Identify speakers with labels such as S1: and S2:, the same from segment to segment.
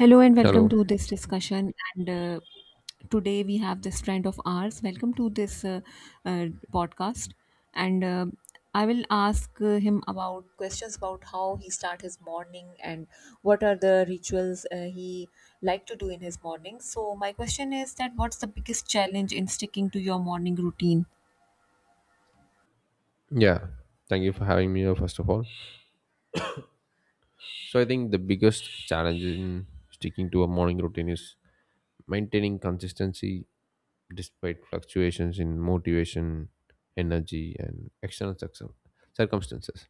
S1: Hello and welcome
S2: Hello.
S1: to this discussion. And today we have this friend of ours. Welcome to this uh, podcast. And I will ask him about questions about how he start his morning and what are the rituals he like to do in his morning. So my question is that what's the biggest challenge in sticking to your morning routine?
S2: Yeah, thank you for having me here, first of all. So, I think the biggest challenge in sticking to a morning routine is maintaining consistency despite fluctuations in motivation, energy, and external circumstances.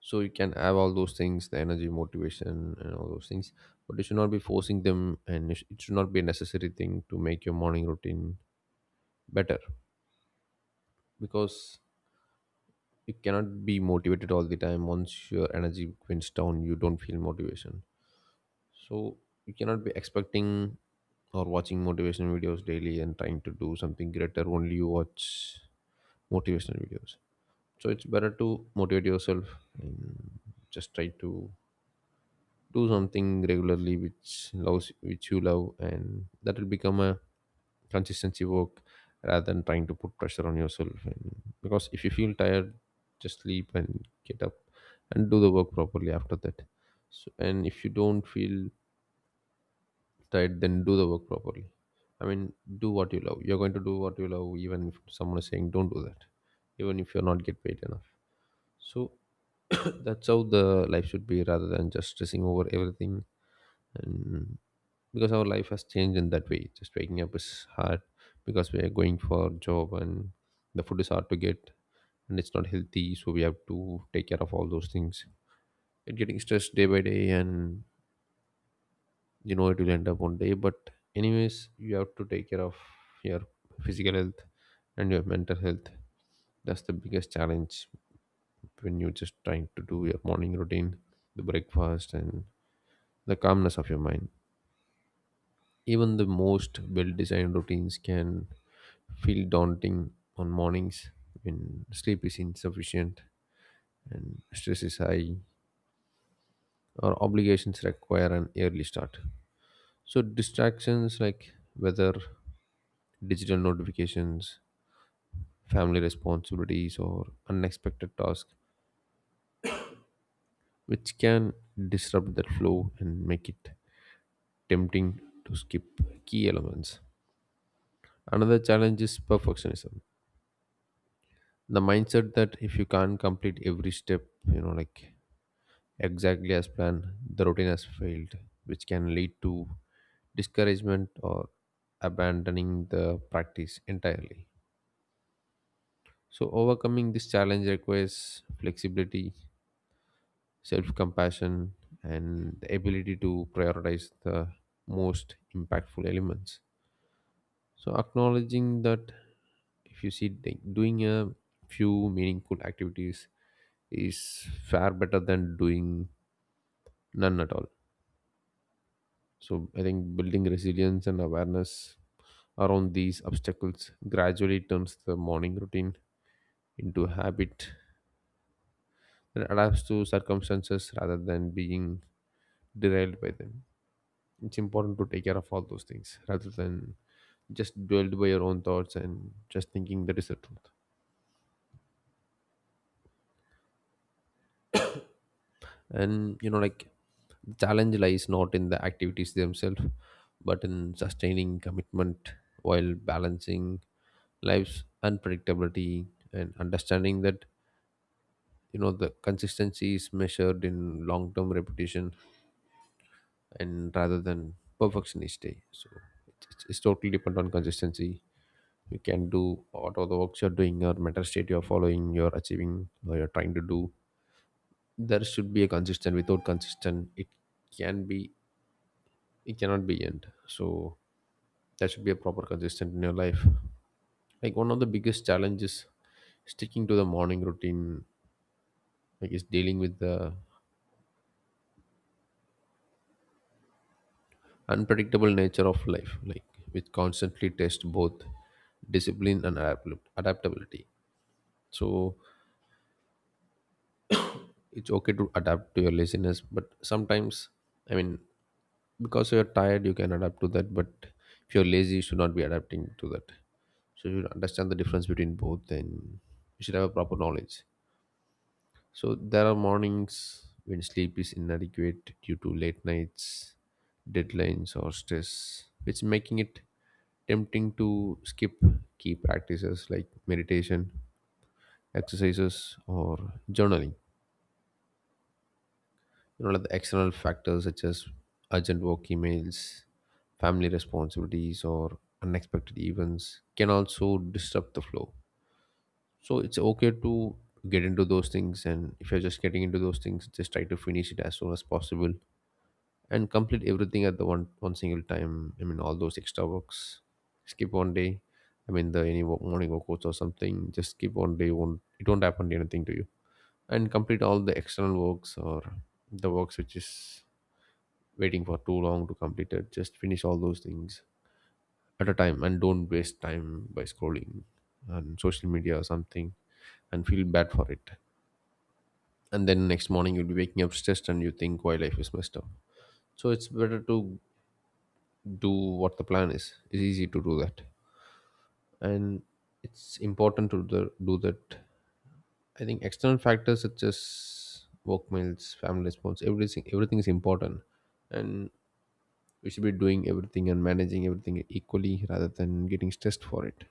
S2: So, you can have all those things, the energy, motivation, and all those things, but you should not be forcing them, and it should not be a necessary thing to make your morning routine better, because you cannot be motivated all the time. Once your energy quints down, you don't feel motivation. So you cannot be expecting or watching motivational videos daily and trying to do something greater only you watch motivational videos. So it's better to motivate yourself and just try to do something regularly which loves which you love, and that will become a consistency work rather than trying to put pressure on yourself. And because if you feel tired, just sleep and get up and do the work properly after that. So, and if you don't feel tired, then do the work properly. I mean, do what you love. You're going to do what you love even if someone is saying don't do that, even if you're not get paid enough. So that's how the life should be, rather than just stressing over everything. And because our life has changed in that way, just waking up is hard because we are going for job, and the food is hard to get and it's not healthy, so we have to take care of all those things. It getting stressed day by day, and you know it will end up one day, but anyways, you have to take care of your physical health and your mental health. That's the biggest challenge when you're just trying to do your morning routine, the breakfast and the calmness of your mind. Even the most well designed routines can feel daunting on mornings when sleep is insufficient and stress is high or obligations require an early start. So, distractions like whether digital notifications, family responsibilities, or unexpected tasks, which can disrupt that flow and make it tempting to skip key elements. Another challenge is perfectionism, the mindset that if you can't complete every step, you know like exactly as planned, the routine has failed, which can lead to discouragement or abandoning the practice entirely. So overcoming this challenge requires flexibility, self-compassion, and the ability to prioritize the most impactful elements. So acknowledging that, if you see like, doing a few meaningful activities is far better than doing none at all. So I think building resilience and awareness around these obstacles gradually turns the morning routine into a habit that adapts to circumstances rather than being derailed by them. It's important to take care of all those things rather than just dwelled by your own thoughts and just thinking that is the truth. And challenge lies not in the activities themselves, but in sustaining commitment while balancing life's unpredictability, and understanding that the consistency is measured in long-term repetition and rather than perfection each day. So it's totally depend on consistency. You can do whatever the works you're doing or mental state you're following, you're achieving, or you're trying to do. There should be a consistent. Without consistent, it can be, it cannot be end. So that should be a proper consistent in your life, like one of the biggest challenges sticking to the morning routine like is dealing with the unpredictable nature of life, like which constantly test both discipline and adaptability. So it's okay to adapt to your laziness, but sometimes, I mean, because you're tired you can adapt to that, but if you're lazy you should not be adapting to that. So you should understand the difference between both, and you should have a proper knowledge. So there are mornings when sleep is inadequate due to late nights, deadlines, or stress, which making it tempting to skip key practices like meditation, exercises, or journaling. You know, like the external factors such as urgent work emails, family responsibilities, or unexpected events can also disrupt the flow. So it's okay to get into those things, and if you're just getting into those things, just try to finish it as soon as possible and complete everything at the one single time. I mean, all those extra works. Skip one day. I mean, the any morning workouts or something. Just skip one day. Won't it won't happen to anything to you. And complete all the external works or the works which is waiting for too long to complete it. Just finish all those things at a time and don't waste time by scrolling on social media or something and feel bad for it. And then next morning you'll be waking up stressed and you think why life is messed up. So it's better to do what the plan is, it's easy to do that, and it's important to do that. I think external factors such as work meals family response, everything is important. And we should be doing everything and managing everything equally rather than getting stressed for it.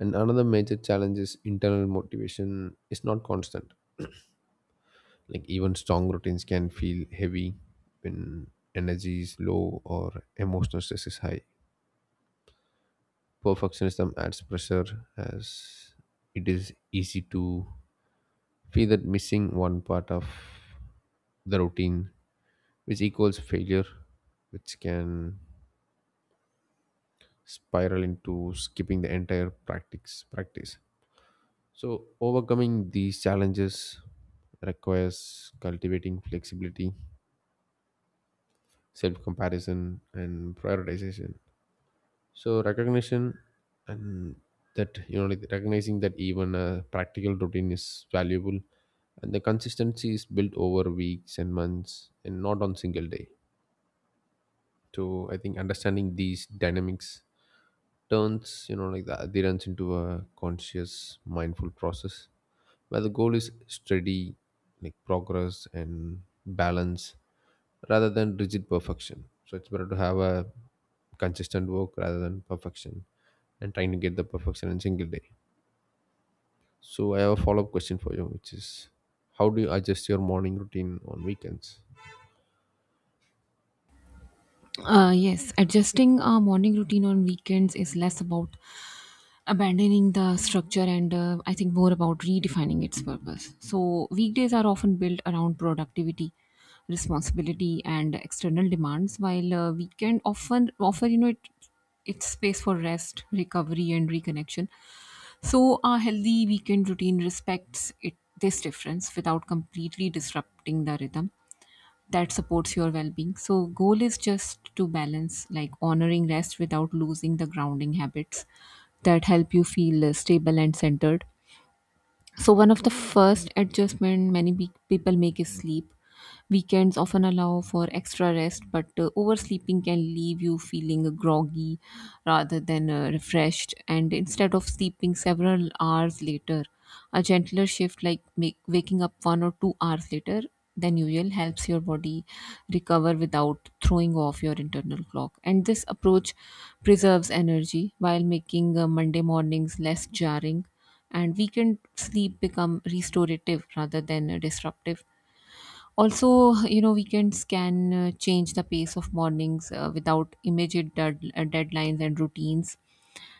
S2: And another major challenge is internal motivation is not constant, like even strong routines can feel heavy when energy is low or emotional stress is high. Perfectionism adds pressure as it is easy to feel that missing one part of the routine, which equals failure, which can spiral into skipping the entire practice. So overcoming these challenges requires cultivating flexibility, self-comparison, and prioritization. So recognition and, that recognizing that even a practical routine is valuable, and the consistency is built over weeks and months and not on single day. So I think understanding these dynamics turns, the adherence into a conscious mindful process where the goal is steady, like progress and balance rather than rigid perfection. So it's better to have a consistent work rather than perfection and trying to get the perfection in single day. So I have a follow up question for you, which is how do you adjust your morning routine on weekends?
S1: Yes, adjusting our morning routine on weekends is less about abandoning the structure and I think more about redefining its purpose. So weekdays are often built around productivity, responsibility and external demands, while weekend often offer, you know, it's space for rest, recovery and reconnection. So a healthy weekend routine respects it, this difference, without completely disrupting the rhythm that supports your well-being. So goal is just to balance, like honoring rest without losing the grounding habits that help you feel stable and centered. So one of the first adjustment people make is sleep. Weekends often allow for extra rest, but oversleeping can leave you feeling groggy rather than refreshed. And instead of sleeping several hours later, a gentler shift, waking up 1 or 2 hours later than usual, helps your body recover without throwing off your internal clock. And this approach preserves energy while making Monday mornings less jarring, and weekend sleep become restorative rather than disruptive. Also, you know, weekends can change the pace of mornings without immediate deadlines and routines.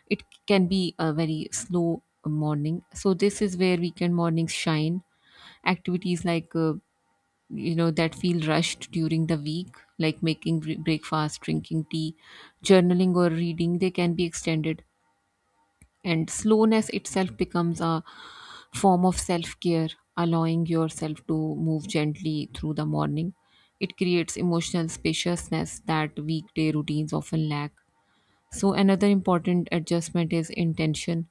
S1: It can be a very slow morning. So this is where weekend mornings shine. Activities like you know, that feel rushed during the week, like making breakfast, drinking tea, journaling or reading, they can be extended, and slowness itself becomes a form of self care. Allowing yourself to move gently through the morning, it creates emotional spaciousness that weekday routines often lack. So another important adjustment is intention.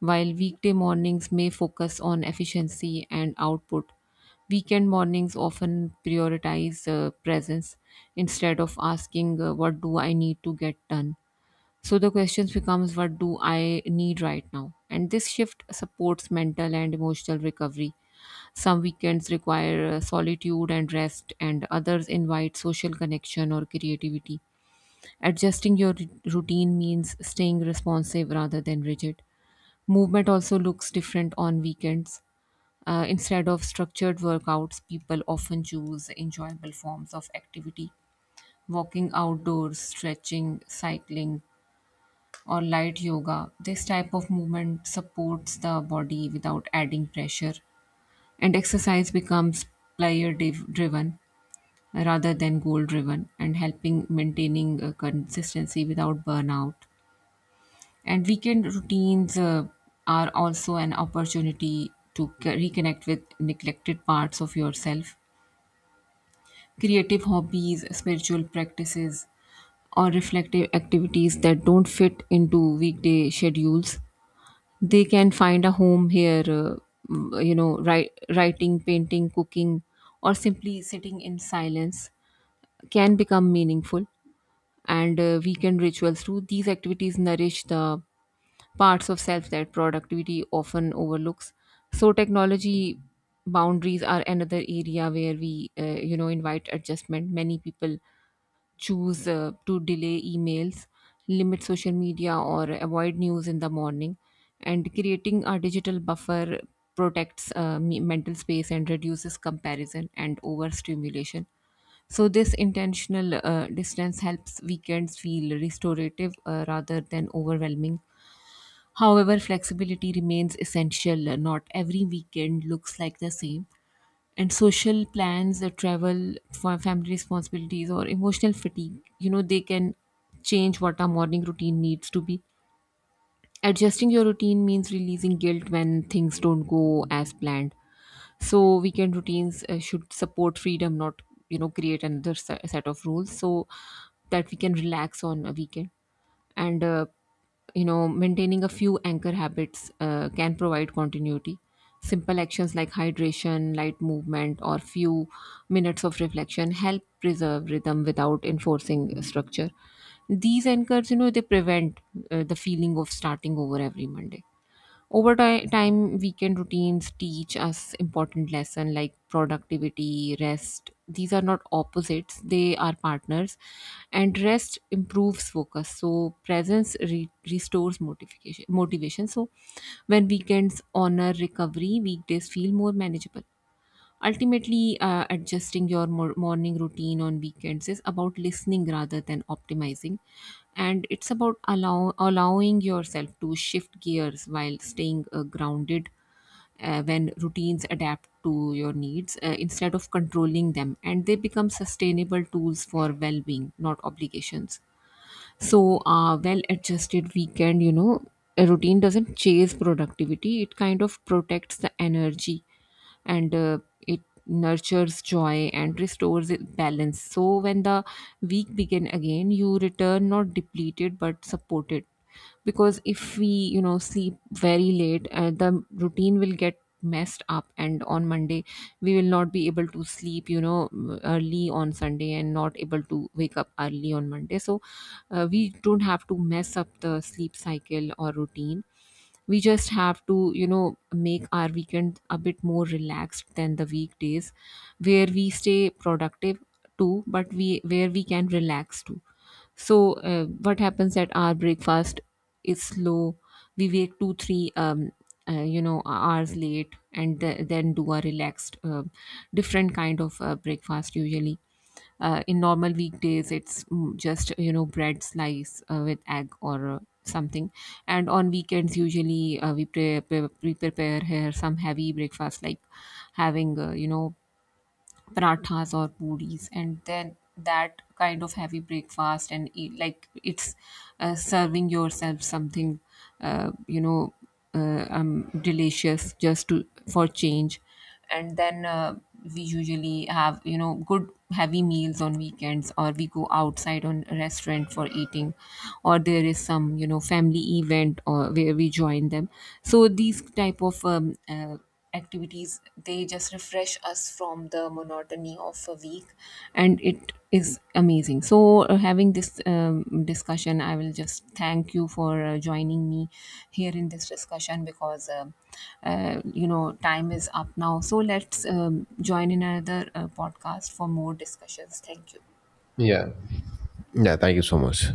S1: While weekday mornings may focus on efficiency and output, weekend mornings often prioritize presence. Instead of asking, what do I need to get done, so the questions becomes, what do I need right now? And this shift supports mental and emotional recovery. Some weekends require solitude and rest, and others invite social connection or creativity. Adjusting your routine means staying responsive rather than rigid. Movement also looks different on weekends. Instead of structured workouts, people often choose enjoyable forms of activity: walking outdoors, stretching, cycling, or light yoga. This type of movement supports the body without adding pressure, and exercise becomes driven rather than goal driven, and helping maintaining consistency without burnout. And weekend routines are also an opportunity to reconnect with neglected parts of yourself. Creative hobbies, spiritual practices, or reflective activities that don't fit into weekday schedules, they can find a home here. You know, writing, painting, cooking, or simply sitting in silence can become meaningful. And Weekend rituals through these activities nourish the parts of self that productivity often overlooks. So technology boundaries are another area where we you know, invite adjustment. Many people choose to delay emails, limit social media, or avoid news in the morning. And creating a digital buffer protects mental space and reduces comparison and overstimulation. So this intentional distance helps weekends feel restorative rather than overwhelming. However, flexibility remains essential. Not every weekend looks like the same, and social plans, the travel for family responsibilities or emotional fatigue, you know, they can change what our morning routine needs to be. Adjusting your routine means releasing guilt when things don't go as planned. So weekend routines should support freedom, not, you know, create another set of rules, so that we can relax on a weekend. And You know, maintaining a few anchor habits can provide continuity. Simple actions like hydration, light movement or few minutes of reflection help preserve rhythm without enforcing structure. These anchors, you know, they prevent the feeling of starting over every Monday. Over time, weekend routines teach us important lessons, like productivity, rest. These are not opposites, they are partners. And rest improves focus. So presence restores motivation. So when weekends honor recovery, weekdays feel more manageable. Ultimately, adjusting your morning routine on weekends is about listening rather than optimizing, and it's about allowing yourself to shift gears while staying grounded. When routines adapt to your needs instead of controlling them, and they become sustainable tools for well being, not obligations. So well adjusted weekend, you know, a routine doesn't chase productivity, it kind of protects the energy and it nurtures joy and restores it balance. So when the week begin again, you return not depleted but supported. Because if we, you know, sleep very late, the routine will get messed up, and on Monday we will not be able to sleep, you know, early on Sunday, and not able to wake up early on Monday. So we don't have to mess up the sleep cycle or routine. We just have to, you know, make our weekend a bit more relaxed than the weekdays, where we stay productive too, but we where we can relax too. So what happens at our breakfast is slow. We wake two three you know, hours late, and then do a relaxed different kind of breakfast. Usually in normal weekdays, it's just, you know, bread slice with egg or something. And on weekends, usually we prepare here some heavy breakfast, like having you know, parathas or puris, and then that kind of heavy breakfast and eat, like it's serving yourself something uh, you know delicious, just to for change. And then we usually have, you know, good heavy meals on weekends, or we go outside on a restaurant for eating, or there is some, you know, family event or where we join them. So these type of activities, they just refresh us from the monotony of a week, and it is amazing. So having this discussion, I will just thank you for joining me here in this discussion. Because you know, time is up now, so let's join in another podcast for more discussions. Thank you.
S2: Yeah. Yeah, thank you so much.